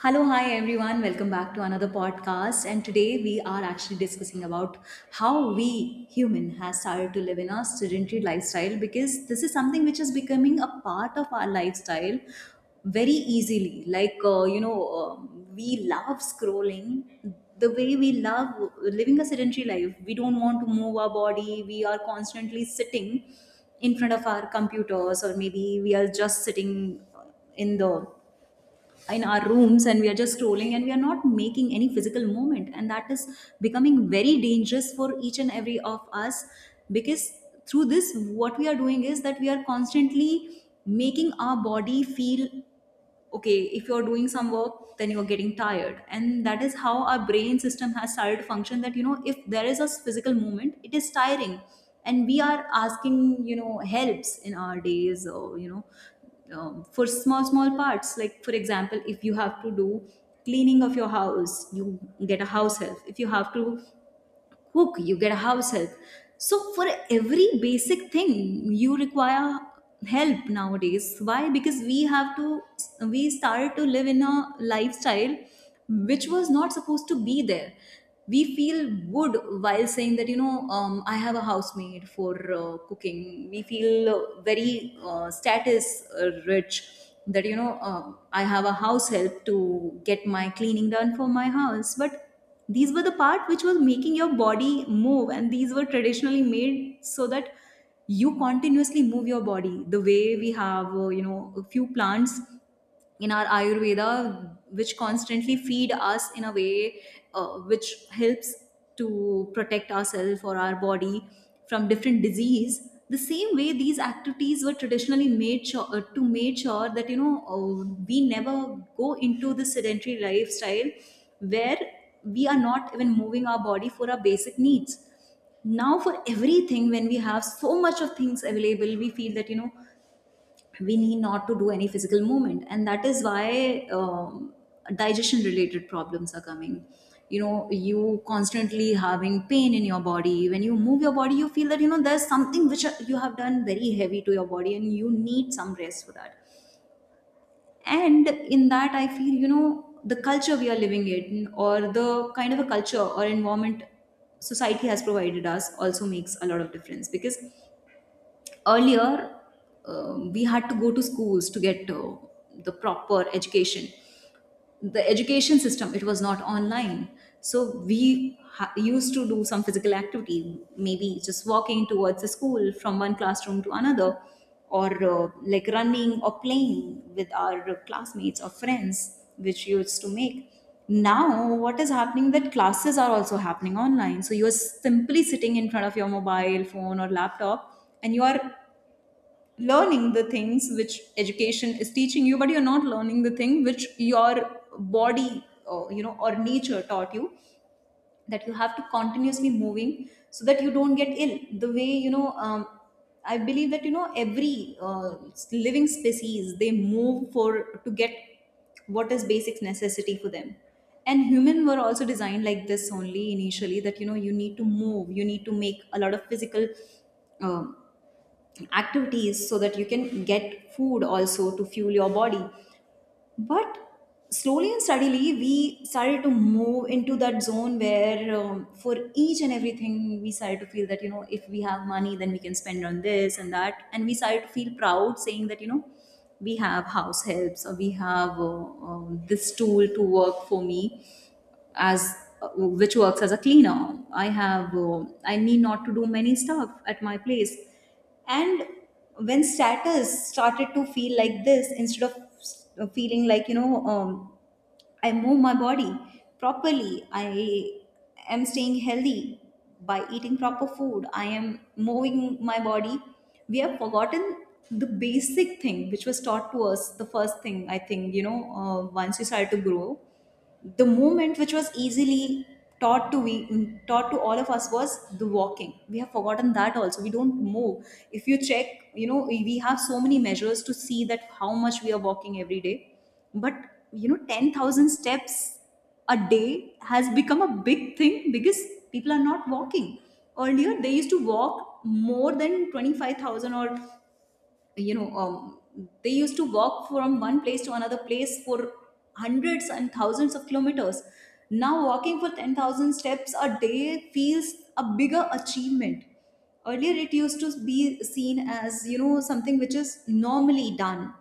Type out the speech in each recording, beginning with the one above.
Hello, hi everyone. Welcome back to another podcast. And today we are actually discussing about how we human has started to live in a sedentary lifestyle because this is something which is becoming a part of our lifestyle very easily. We love scrolling the way we love living a sedentary life. We don't want to move our body. We are constantly sitting in front of our computers, or maybe we are just sitting in the in our rooms, and we are just scrolling and we are not making any physical movement, and that is becoming very dangerous for each and every of us because through this, what we are doing is that we are constantly making our body feel okay. If you're doing some work, then you're getting tired, and that is how our brain system has started to function, that you know, if there is a physical movement, it is tiring. And we are asking, you know, helps in our days, or you know, for small small parts. Like for example, if you have to do cleaning of your house, you get a house help. If you have to cook, you get a house help. So for every basic thing, you require help nowadays. Why? Because we have to, We started to live in a lifestyle which was not supposed to be there. We feel good while saying that, I have a housemaid for cooking. We feel very status rich, that, I have a house help to get my cleaning done for my house. But these were the part which was making your body move, and these were traditionally made so that you continuously move your body. The way we have you know, a few plants in our ayurveda which constantly feed us in a way which helps to protect ourselves or our body from different disease, the same way these activities were traditionally made sure, to make sure that, you know, we never go into the sedentary lifestyle where we are not even moving our body for our basic needs. Now, for everything, when we have so much of things available, we feel that, you know, we need not to do any physical movement, and that is why digestion related problems are coming. You know, you constantly having pain in your body. When you move your body, you feel that, you know, there's something which you have done very heavy to your body and you need some rest for that. And in that, I feel, you know, the culture we are living in, or the kind of a culture or environment society has provided us, also makes a lot of difference. Because earlier, we had to go to schools to get the proper education. The education system, it was not online. So we used to do some physical activity, maybe just walking towards the school from one classroom to another, or like running or playing with our classmates or friends, which you used to make. Now, what is happening that classes are also happening online. So you are simply sitting in front of your mobile phone or laptop and you are learning the things which education is teaching you, but you're not learning the thing which your body, or you know, or nature taught you, that you have to continuously moving so that you don't get ill. The way you know, I believe that, you know, every living species, they move for to get what is basic necessity for them. And human were also designed like this only initially, that you know, you need to move, you need to make a lot of physical um, activities so that you can get food also to fuel your body. But slowly and steadily, we started to move into that zone where for each and everything we started to feel that, you know, if we have money, then we can spend on this and that. And we started to feel proud saying that, you know, we have house helps, or we have this tool to work for me as which works as a cleaner. I have I need not to do many stuff at my place. And when status started to feel like this, instead of feeling like, I move my body properly, I am staying healthy by eating proper food. I am moving my body. We have forgotten the basic thing which was taught to us. The first thing, I think, you know, once you start to grow, the movement which was easily taught to all of us was the walking. We have forgotten that also. We don't move. If you check, you know, we have so many measures to see that how much we are walking every day. But you know, 10,000 steps a day has become a big thing because people are not walking. Earlier they used to walk more than 25,000, or you know, they used to walk from one place to another place for hundreds and thousands of kilometers. Now walking for 10,000 steps a day feels a bigger achievement. Earlier it used to be seen as, you know, something which is normally done.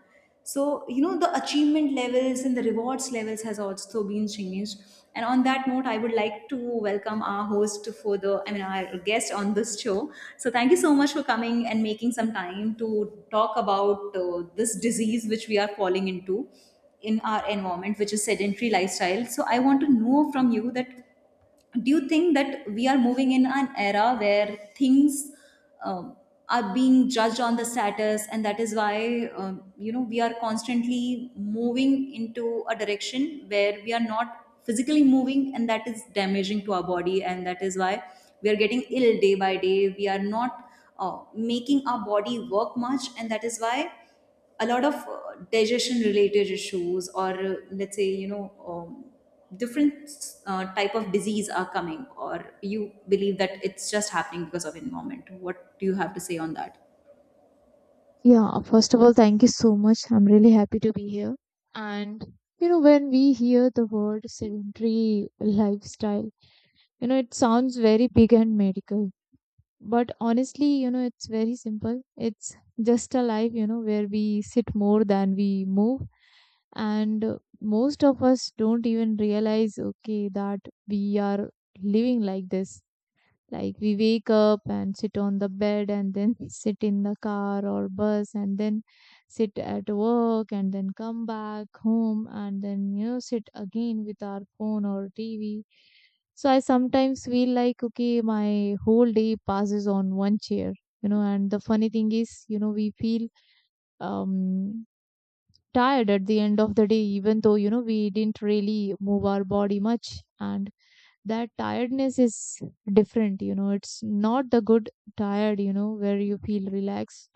So you know, the achievement levels and the rewards levels has also been changed. And on that note, I would like to welcome our host for the, I mean our guest on this show. So thank you so much for coming and making some time to talk about this disease which we are falling into in our environment, which is sedentary lifestyle. So I want to know from you that do you think that we are moving in an era where things um, are being judged on the status, and that is why, you know, we are constantly moving into a direction where we are not physically moving, and that is damaging to our body, and that is why we are getting ill day by day. We are not making our body work much, and that is why a lot of digestion related issues, or let's say, you know, um, different type of disease are coming. Or you believe that it's just happening because of environment? What do you have to say on that? Yeah, first of all, thank you so much. I'm really happy to be here. And, you know, when we hear the word sedentary lifestyle, you know, it sounds very big and medical. But honestly, you know, it's very simple. It's just a life, you know, where we sit more than we move. And most of us don't even realize, okay, that we are living like this like we wake up and sit on the bed and then sit in the car or bus and then sit at work and then come back home and then, you know, sit again with our phone or TV. So I sometimes feel like, okay, my whole day passes on one chair, you know, and the funny thing is, you know, we feel um tired at the end of the day, even though, you know, we didn't really move our body much. And that tiredness is different, you know, it's not the good tired, you know, where you feel relaxed.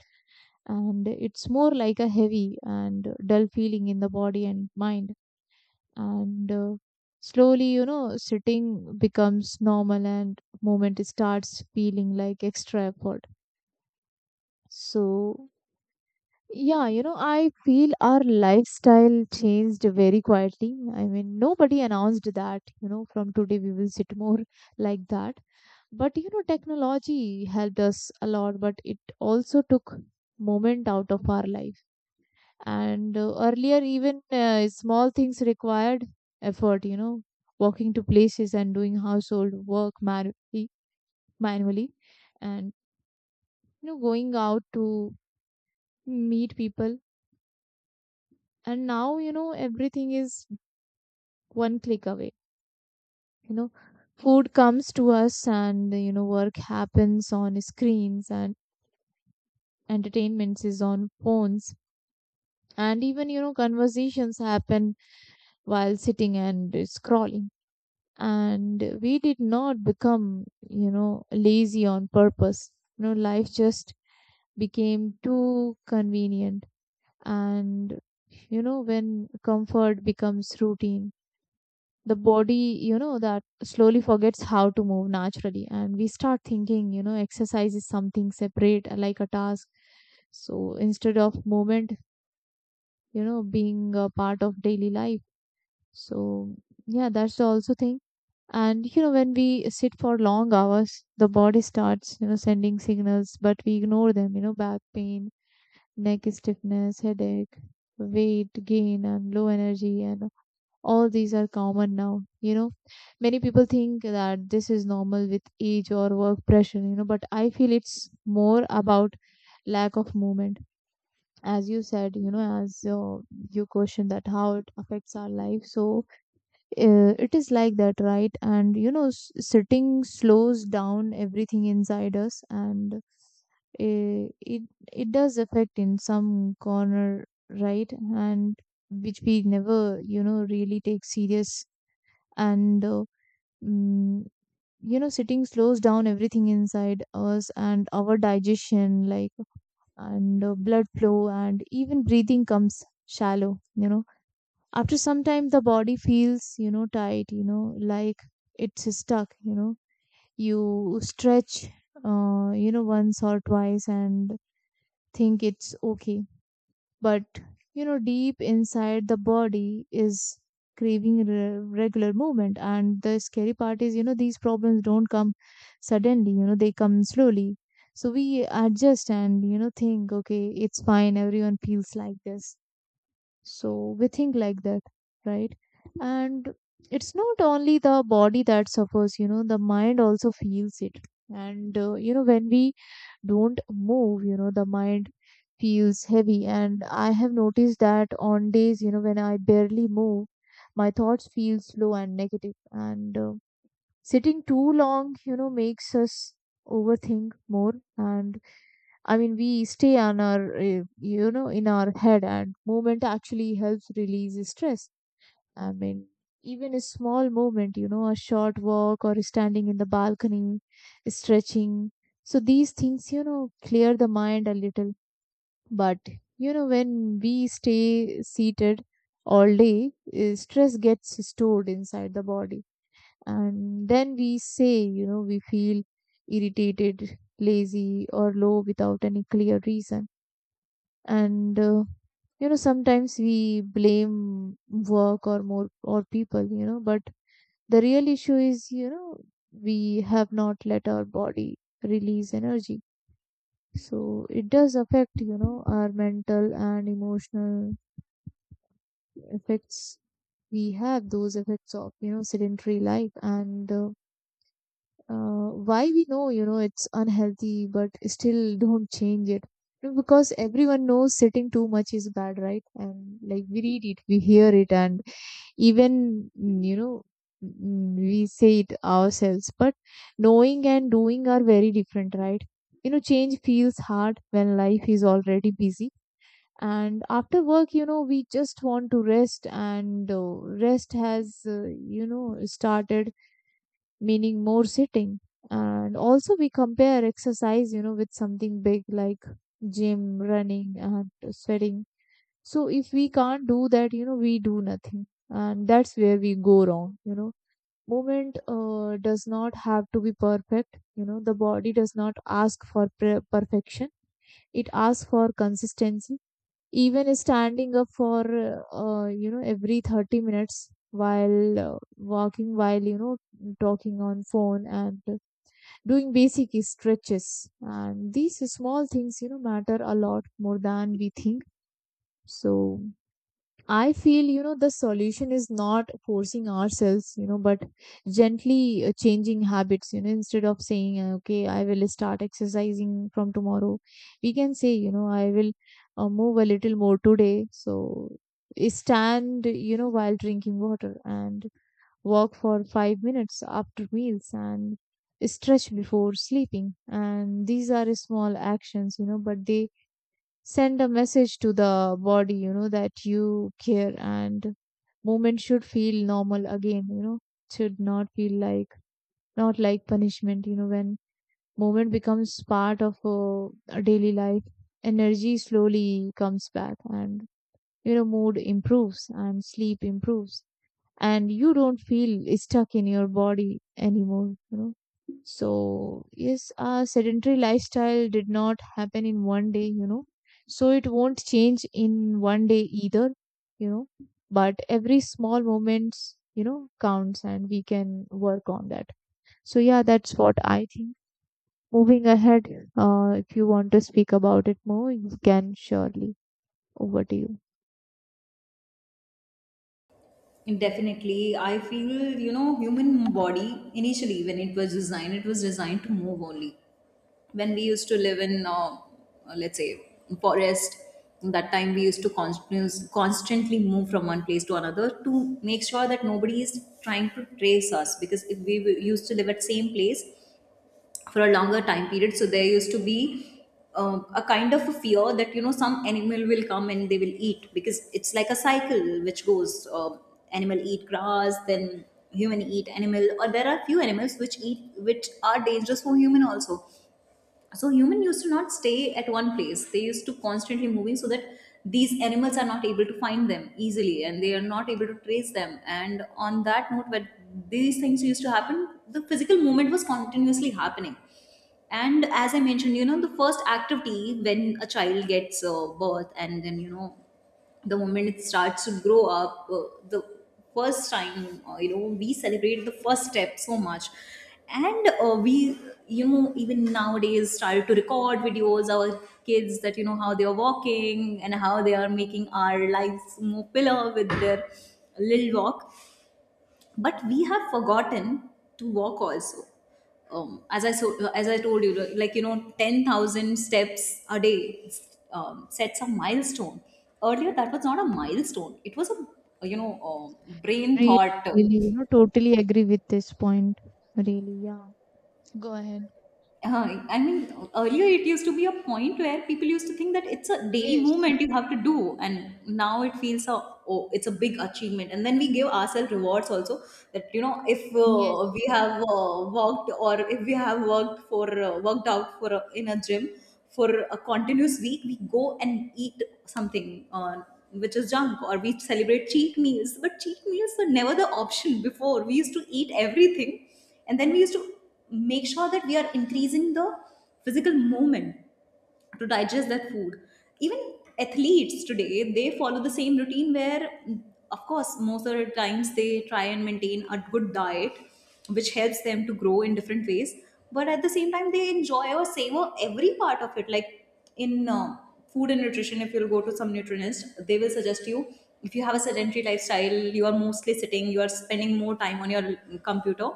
And it's more like a heavy and dull feeling in the body and mind. And slowly, you know, sitting becomes normal and movement starts feeling like extra effort. So, yeah, you know, I feel our lifestyle changed very quietly. I mean, nobody announced that, you know, from today we will sit more like that. But, you know, technology helped us a lot, but it also took moment out of our life. And earlier, even small things required effort, you know, walking to places and doing household work manually, manually and, you know, going out to meet people. And now, you know, everything is one click away. You know, food comes to us and, you know, work happens on screens and entertainments is on phones. And even, you know, conversations happen while sitting and scrolling. And we did not become, you know, lazy on purpose. You know, life just became too convenient. And, you know, when comfort becomes routine, the body, you know, that slowly forgets how to move naturally, and we start thinking, you know, exercise is something separate, like a task. So instead of movement, you know, being a part of daily life, so yeah, that's the also thing. And you know, when we sit for long hours, the body starts, you know, sending signals, but we ignore them. You know, back pain, neck stiffness, headache, weight gain, and low energy, and all these are common now, you know. Many people think that this is normal with age or work pressure, you know, but I feel it's more about lack of movement. As you said, you know, as you questioned that, how it affects our life. So it is like that, right? And you know, sitting slows down everything inside us, and it, it does affect in some corner, right? And which we never, you know, really take serious. and uh, mm, you know, sitting slows down everything inside us, and our digestion, like, and blood flow and even breathing comes shallow, you know. After some time, the body feels, you know, tight, you know, like it's stuck, you know. You stretch you know, once or twice and think it's okay. But you know, deep inside, the body is craving regular movement. And the scary part is, you know, these problems don't come suddenly, you know, they come slowly. So we adjust and, you know, think okay, it's fine, everyone feels like this. So we think like that, right? And it's not only the body that suffers, you know, the mind also feels it. And, you know, when we don't move, you know, the mind feels heavy. And I have noticed that on days, you know, when I barely move, my thoughts feel slow and negative. And sitting too long, you know, makes us overthink more. And I mean, we stay on our, you know, in our head, and movement actually helps release stress. I mean, even a small movement, you know, a short walk or standing in the balcony, stretching. So these things, you know, clear the mind a little. But, you know, when we stay seated all day, stress gets stored inside the body. And then we say, you know, we feel irritated, lazy, or low without any clear reason. And you know, sometimes we blame work or more or people, you know, but the real issue is, you know, we have not let our body release energy. So it does affect, you know, our mental and emotional effects. We have those effects of, you know, sedentary life. And why we know, you know, it's unhealthy but still don't change it. You know, because everyone knows sitting too much is bad, right? And like we read it, we hear it, and you know, we say it ourselves, but knowing and doing are very different, right? You know, change feels hard when life is already busy. And after work, you know, we just want to rest. And rest has, you know, started meaning more sitting. And also, we compare exercise, you know, with something big like gym, running, and sweating. So, if we can't do that, you know, we do nothing. And that's where we go wrong, you know. Movement does not have to be perfect, you know. The body does not ask for perfection, it asks for consistency. Even standing up for, you know, every 30 minutes, while walking, while, you know, talking on phone, and doing basic stretches, and these small things, you know, matter a lot more than we think. So I feel, you know, the solution is not forcing ourselves, you know, but gently changing habits, you know. Instead of saying, okay, I will start exercising from tomorrow, we can say, you know, I will move a little more today. So stand, you know, while drinking water, and walk for 5 minutes after meals, and stretch before sleeping. And these are small actions, you know, but they send a message to the body, you know, that you care. And movement should feel normal again, you know, should not feel like, not like punishment, you know. When movement becomes part of a daily life, energy slowly comes back, and, you know, mood improves, and sleep improves, and you don't feel stuck in your body anymore, you know. So yes, a sedentary lifestyle did not happen in one day, you know, so it won't change in one day either, you know. But every small moments, you know, counts, and we can work on that. So yeah, that's what I think. Moving ahead, if you want to speak about it more, you can surely. Over to you. Definitely, I feel, you know, human body initially when it was designed to move only. When we used to live in, let's say forest, that time we used to constantly move from one place to another to make sure that nobody is trying to trace us. Because if we used to live at same place for a longer time period, so there used to be a kind of a fear that, you know, some animal will come and they will eat. Because it's like a cycle which goes, animal eat grass, then human eat animal, or there are few animals which eat, which are dangerous for human also. So human used to not stay at one place. They used to constantly moving so that these animals are not able to find them easily and they are not able to trace them. And on that note, when these things used to happen, the physical movement was continuously happening. And as I mentioned, you know, the first activity when a child gets birth, and then you know, the moment it starts to grow up, the first time, you know, we celebrate the first step so much. And we, you know, even nowadays started to record videos our kids, that you know, how they are walking and how they are making our lives more pillar with their little walk. But we have forgotten to walk also. As I, so as I told you, like you know, 10,000 steps a day sets a milestone. Earlier that was not a milestone. It was a, brain Really, thought. really, you know, totally agree with this point. Really, yeah. Go ahead. I mean, earlier it used to be a point where people used to think that it's a daily Yes. movement you have to do, and now it feels a, oh, it's a big achievement. And then we give ourselves rewards also, that you know, if Yes. We Yes. have worked or if we have worked for worked out for a, in a gym for a continuous week, we go and eat something which is junk, or we celebrate cheat meals. But cheat meals were never the option before. We used to eat everything, and then we used to make sure that we are increasing the physical movement to digest that food. Even athletes today, they follow the same routine where, of course, most of the times they try and maintain a good diet which helps them to grow in different ways, but at the same time they enjoy or savor every part of it. Like in food and nutrition, if you'll go to some nutritionist, they will suggest you, if you have a sedentary lifestyle, you are mostly sitting, you are spending more time on your computer,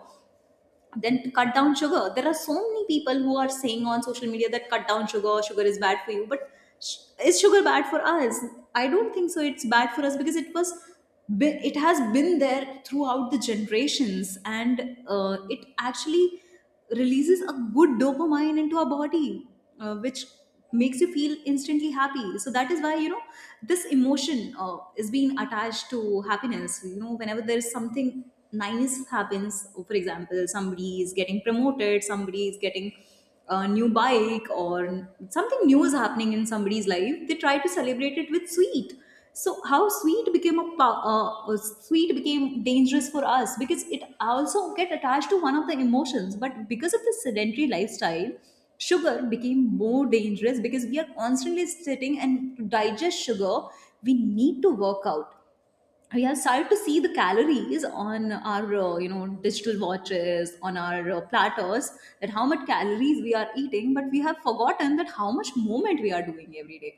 then to cut down sugar. There are so many people who are saying on social media that cut down sugar, sugar is bad for you, but sh- is sugar bad for us? I don't think so it's bad for us, because it was it has been there throughout the generations, and it actually releases a good dopamine into our body, which makes you feel instantly happy. So that is why, you know, this emotion is being attached to happiness. You know, whenever there is something nice happens, for example, somebody is getting promoted, somebody is getting a new bike, or something new is happening in somebody's life, they try to celebrate it with sweet. So how sweet became a sweet became dangerous for us, because it also get attached to one of the emotions. But because of the sedentary lifestyle, sugar became more dangerous because we are constantly sitting, and to digest sugar, we need to work out. We have started to see the calories on our you know, digital watches, on our platters, that how much calories we are eating, but we have forgotten that how much movement we are doing every day.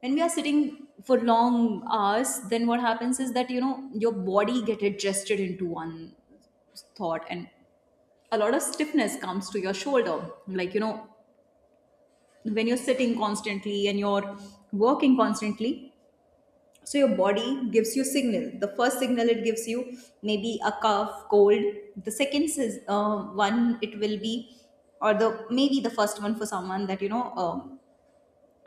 When we are sitting for long hours, then what happens is that, you know, your body get adjusted into one thought, and a lot of stiffness comes to your shoulder, like, you know, when you're sitting constantly and you're working constantly, so your body gives you signal. The first signal it gives you maybe a cough cold. The second is one it will be, or the maybe the first one for someone, that you know,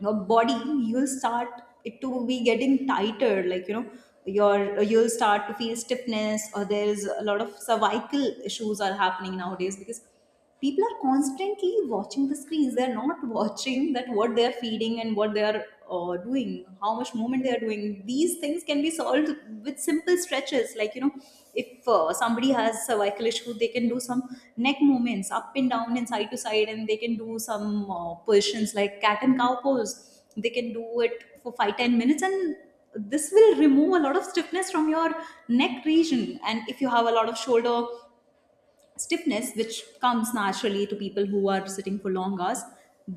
your body, you'll start it to be getting tighter, like, you know, your you'll start to feel stiffness, or there's a lot of cervical issues are happening nowadays, because people are constantly watching the screens, they're not watching that what they're feeding, and what they're doing, how much movement they're doing. These things can be solved with simple stretches, like, you know, if somebody has cervical issue, they can do some neck movements up and down and side to side, and they can do some positions like cat and cow pose. They can do it for 5 10 minutes, and this will remove a lot of stiffness from your neck region. And if you have a lot of shoulder stiffness, which comes naturally to people who are sitting for long hours,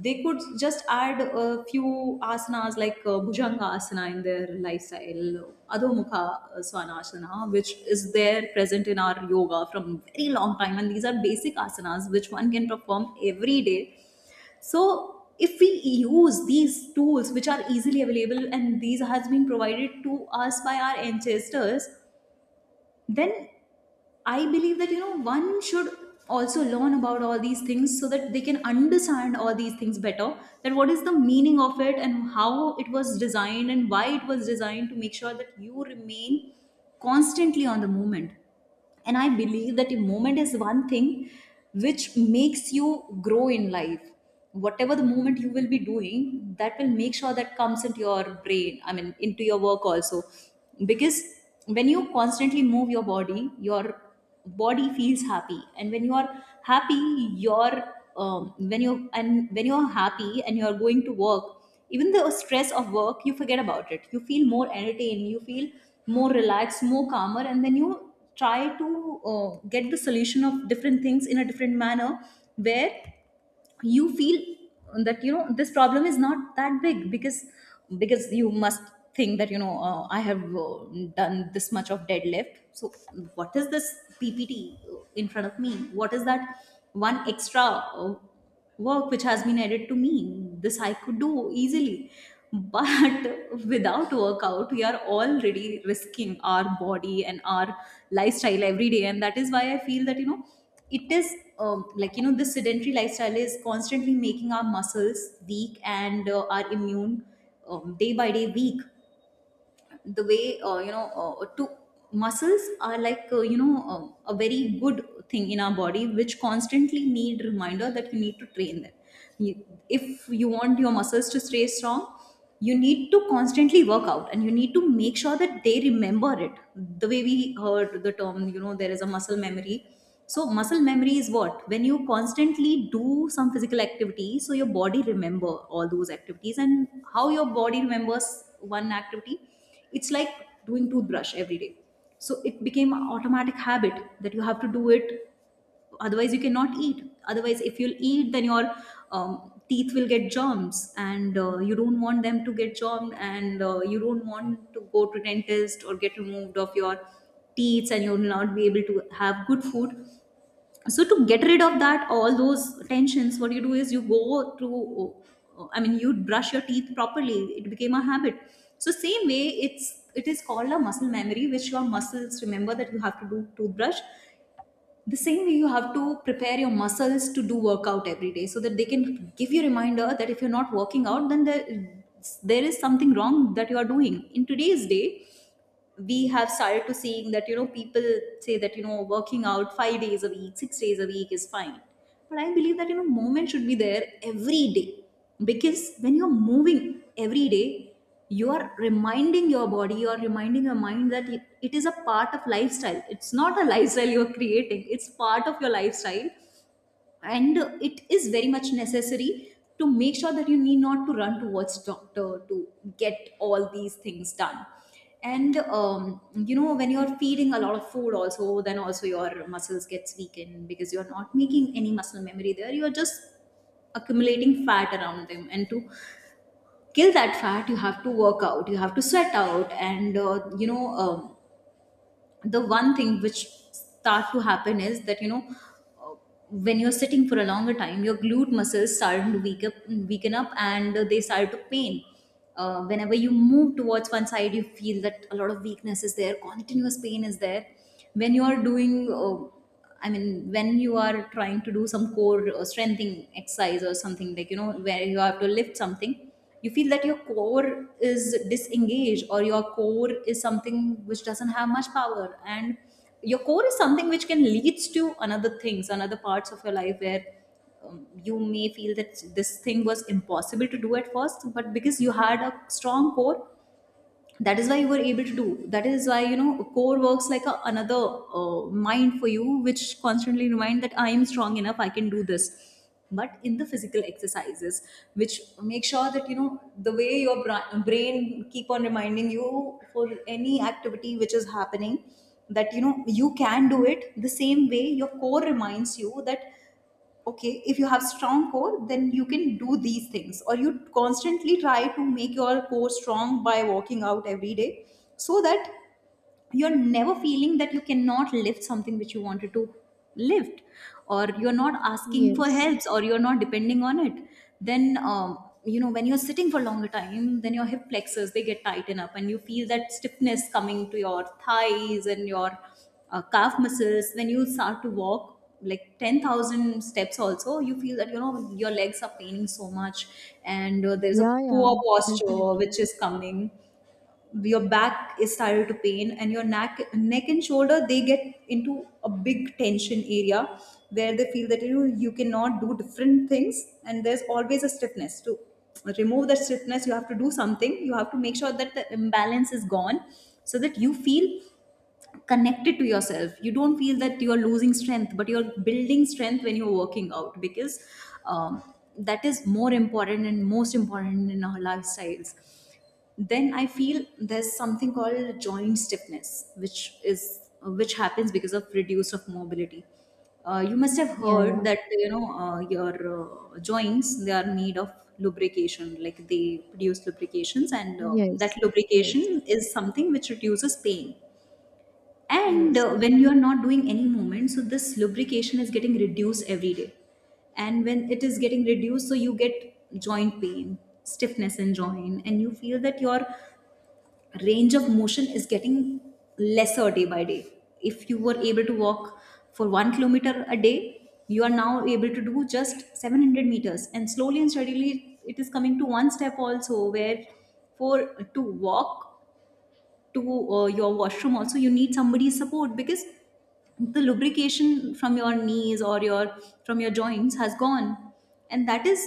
they could just add a few asanas like bhujanga asana in their lifestyle, adhomukha svanasana, which is there present in our yoga from very long time, and these are basic asanas which one can perform every day. So if we use these tools which are easily available, and these has been provided to us by our ancestors, then I believe that, you know, one should also learn about all these things, so that they can understand all these things better, that what is the meaning of it, and how it was designed, and why it was designed, to make sure that you remain constantly on the movement. And I believe that a moment is one thing which makes you grow in life. Whatever the movement you will be doing, that will make sure that comes into your brain, I mean, into your work also, because when you constantly move your body, your body feels happy, and when you are happy, you're when you, and when you're happy and you're going to work, even the stress of work, you forget about it, you feel more entertained, you feel more relaxed, more calmer, and then you try to get the solution of different things in a different manner, where you feel that, you know, this problem is not that big, because you must think that, you know, I have done this much of deadlift. So what is this ppt in front of me? What is that one extra uh, work which has been added to me? This I could do easily. But without workout, we are already risking our body and our lifestyle every day, and that is why I feel that, you know, it is like, you know, this sedentary lifestyle is constantly making our muscles weak, and our immune day by day weak. The way you know, to muscles are like, you know, a very good thing in our body, which constantly need reminder that you need to train them. If you want your muscles to stay strong, you need to constantly work out, and you need to make sure that they remember it. The way we heard the term, you know, there is a muscle memory. So muscle memory is what, when you constantly do some physical activity, so your body remember all those activities. And how your body remembers one activity? It's like doing toothbrush every day. So it became an automatic habit that you have to do it. Otherwise, you cannot eat. Otherwise, if you'll eat, then your teeth will get germs, and you don't want them to get germed, and you don't want to go to dentist or get removed of your teeth, and you'll not be able to have good food. So to get rid of that all those tensions, what you do is you go to, I mean, you brush your teeth properly. It became a habit. So same way it is called a muscle memory, which your muscles remember that you have to do toothbrush. The same way you have to prepare your muscles to do workout every day, so that they can give you a reminder that if you're not working out, then there is something wrong that you are doing. In today's day, we have started to seeing that, you know, people say that, you know, working out 5 days a week, 6 days a week is fine, but I believe that, you know, movement should be there every day, because when you're moving every day, you are reminding your body, you are reminding your mind that it is a part of lifestyle, it's not a lifestyle you're creating, it's part of your lifestyle, and it is very much necessary, to make sure that you need not to run towards doctor to get all these things done. And you know, when you're feeding a lot of food also, then also your muscles gets weakened, because you're not making any muscle memory there, you're just accumulating fat around them, and to kill that fat, you have to work out, you have to sweat out, and you know, the one thing which start to happen is that, you know, uh, when you're sitting for a longer time, your glute muscles start to weaken up, and they start to pain. Whenever you move towards one side, you feel that a lot of weakness is there, continuous pain is there. When you are doing I mean, when you are trying to do some core or strengthening exercise, or something like, you know, where you have to lift something, you feel that your core is disengaged, or your core is something which doesn't have much power. And your core is something which can leads to another things, another parts of your life where you may feel that this thing was impossible to do at first, but because you had a strong core, that is why you were able to do that is why you know core works like another mind for you which constantly remind that I am strong enough I can do this but in the physical exercises which make sure that you know the way your brain keep on reminding you for any activity which is happening that you know you can do it the same way your core reminds you that okay if you have strong core then you can do these things or you constantly try to make your core strong by working out every day so that you're never feeling that you cannot lift something which you wanted to lift or you're not asking for Yes. helps or you're not depending on it. Then, you know, when you're sitting for longer time then your hip flexors they get tighten up and you feel that stiffness coming to your thighs and your calf muscles when you start to walk like 10,000 steps also you feel that you know your legs are paining so much. And there's a Yeah, yeah, poor posture definitely. which is coming. Your back is started to pain and your neck and shoulder they get into a big tension area where they feel that you know, you cannot do different things and there's always a stiffness. To remove that stiffness you have to do something. You have to make sure that the imbalance is gone so that you feel connected to yourself. You don't feel that you're losing strength but you're building strength when you're working out because um, that is more important and most important in our lifestyles. Then I feel there's something called joint stiffness which is which happens because of reduced of mobility. You must have Yeah, heard yeah. that you know your joints they are made of lubrication like they produce lubrications and that Yes. Yes. lubrication is something which reduces pain. And Yes. When you are not doing any movement so this lubrication is getting reduced every day. And when it is getting reduced so you get joint pain, stiffness in joint and you feel that your range of motion is getting lesser day by day. If you were able to walk for 1 kilometer a day you are now able to do just 700 meters and slowly and steadily it is coming to one step also where for to walk to your washroom also you need somebody's support because the lubrication from your knees or your from your joints has gone. And that is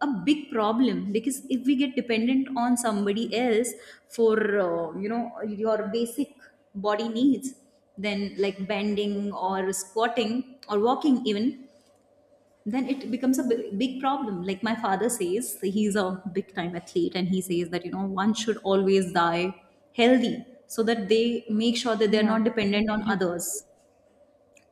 a big problem because if we get dependent on somebody else for you know your basic body needs then like bending or squatting or walking even then it becomes a big problem. Like my father says he's a big time athlete and he says that you know one should always die healthy so that they make sure that they're Yeah, not dependent on definitely. others.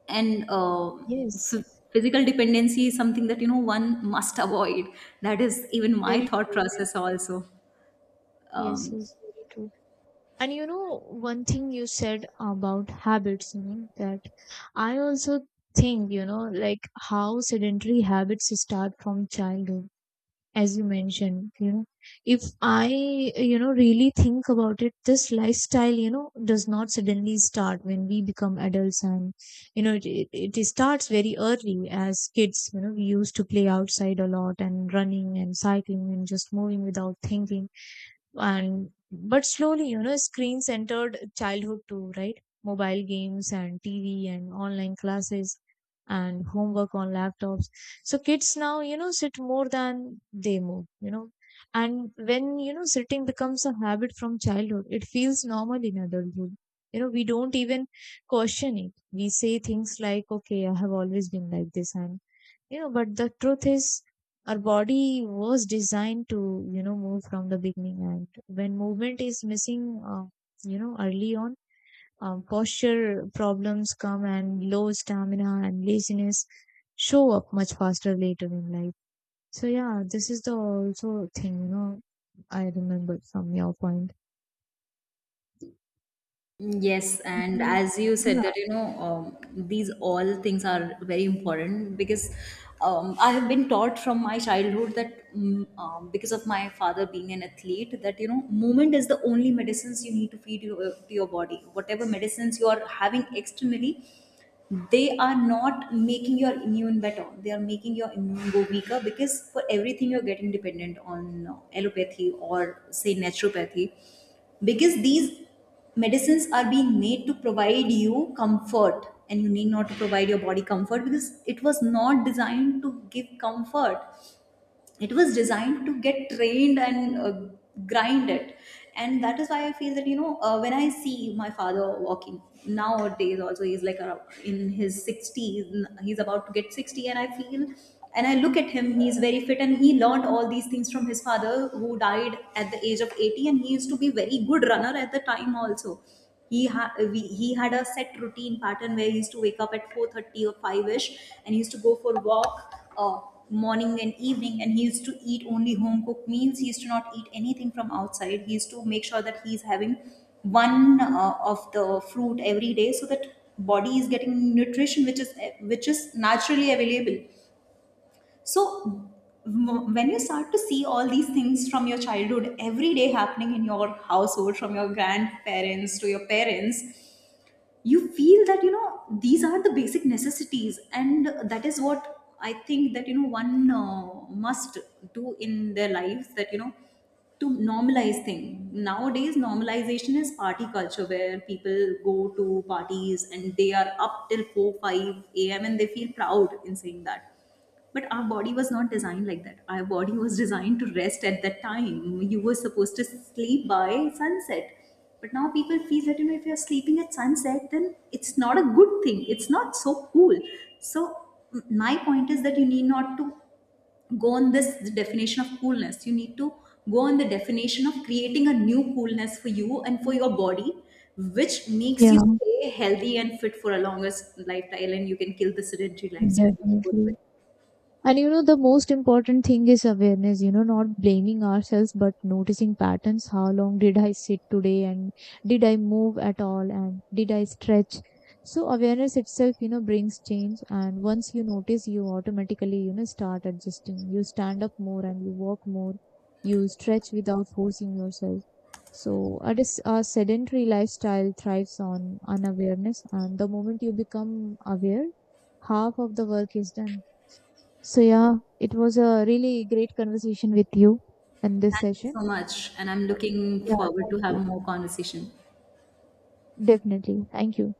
And Yes. f- physical dependency is something that you know one must avoid. That is even my Very thought true, very process true. also. Yes, um, yes, very true. And you know, one thing you said about habits, you know, that I also think, you know, like how sedentary habits start from childhood. As you mentioned, you know, if I, you know, really think about it, this lifestyle, you know, does not suddenly start when we become adults. And you know, it starts very early. As kids, you know, we used to play outside a lot, and running and cycling and just moving without thinking. And but slowly, you know, screen centered childhood too, right? Mobile games and TV and online classes and homework on laptops. So kids now, you know, sit more than they move, you know. And when, you know, sitting becomes a habit from childhood, it feels normal in adulthood. You know, we don't even question it. We say things like okay, I have always been like this. And you know, but the truth is, our body was designed to, you know, move from the beginning. And when movement is missing, uh, you know, early on, posture problems come, and low stamina and laziness show up much faster later in life. So yeah, this is the also thing, you know, I remembered from your point. Yes, and Mhm. as you said Yeah. that, you know, these all things are very important because I have been taught from my childhood that because of my father being an athlete, that, you know, movement is the only medicines you need to feed your, to your body. Whatever medicines you are having externally, they are not making your immune better. They are making your immune go weaker because for everything you're getting dependent on allopathy or say naturopathy because these medicines are being made to provide you comfort and you need not to provide your body comfort because it was not designed to give comfort. It was designed to get trained and grind it. And that is why I feel that you know when I see my father walking nowadays also he's like around in his 60s. He's about to get 60 and I feel and I look at him he's very fit and he learned all these things from his father who died at the age of 80 and he used to be very good runner at the time also. he ha he had a set routine pattern where he used to wake up at 4:30 or 5ish and he used to go for walk morning and evening and he used to eat only home cooked meals. He used to not eat anything from outside. He used to make sure that he's having one of the fruit every day so that body is getting nutrition which is naturally available. So when you start to see all these things from your childhood every day happening in your household from your grandparents to your parents you feel that you know these are the basic necessities. And that is what I think that you know one must do in their lives that you know to normalize thing nowadays. Normalization is party culture where people go to parties and they are up till 4 5 a.m and they feel proud in saying that. But our body was not designed like that. Our body was designed to rest at that time. You were supposed to sleep by sunset. But now people feel that you know if you're sleeping at sunset then it's not a good thing, it's not so cool. So my point is that you need not to go on this definition of coolness. You need to go on the definition of creating a new coolness for you and for your body which makes Yeah, you stay healthy and fit for a longer lifestyle. And you can kill the sedentary lifestyle in a good way. definitely. And you know, the most important thing is awareness, you know, not blaming ourselves, but noticing patterns. How long did I sit today? And did I move at all? And did I stretch? So awareness itself, you know, brings change. And once you notice, you automatically, you know, start adjusting. You stand up more and you walk more. You stretch without forcing yourself. So a, a sedentary lifestyle thrives on unawareness. And the moment you become aware, half of the work is done. So, yeah, it was a really great conversation with you in this Thank you session. so much, and I'm looking Yeah, forward thank to have you. more conversation. Definitely. Thank you.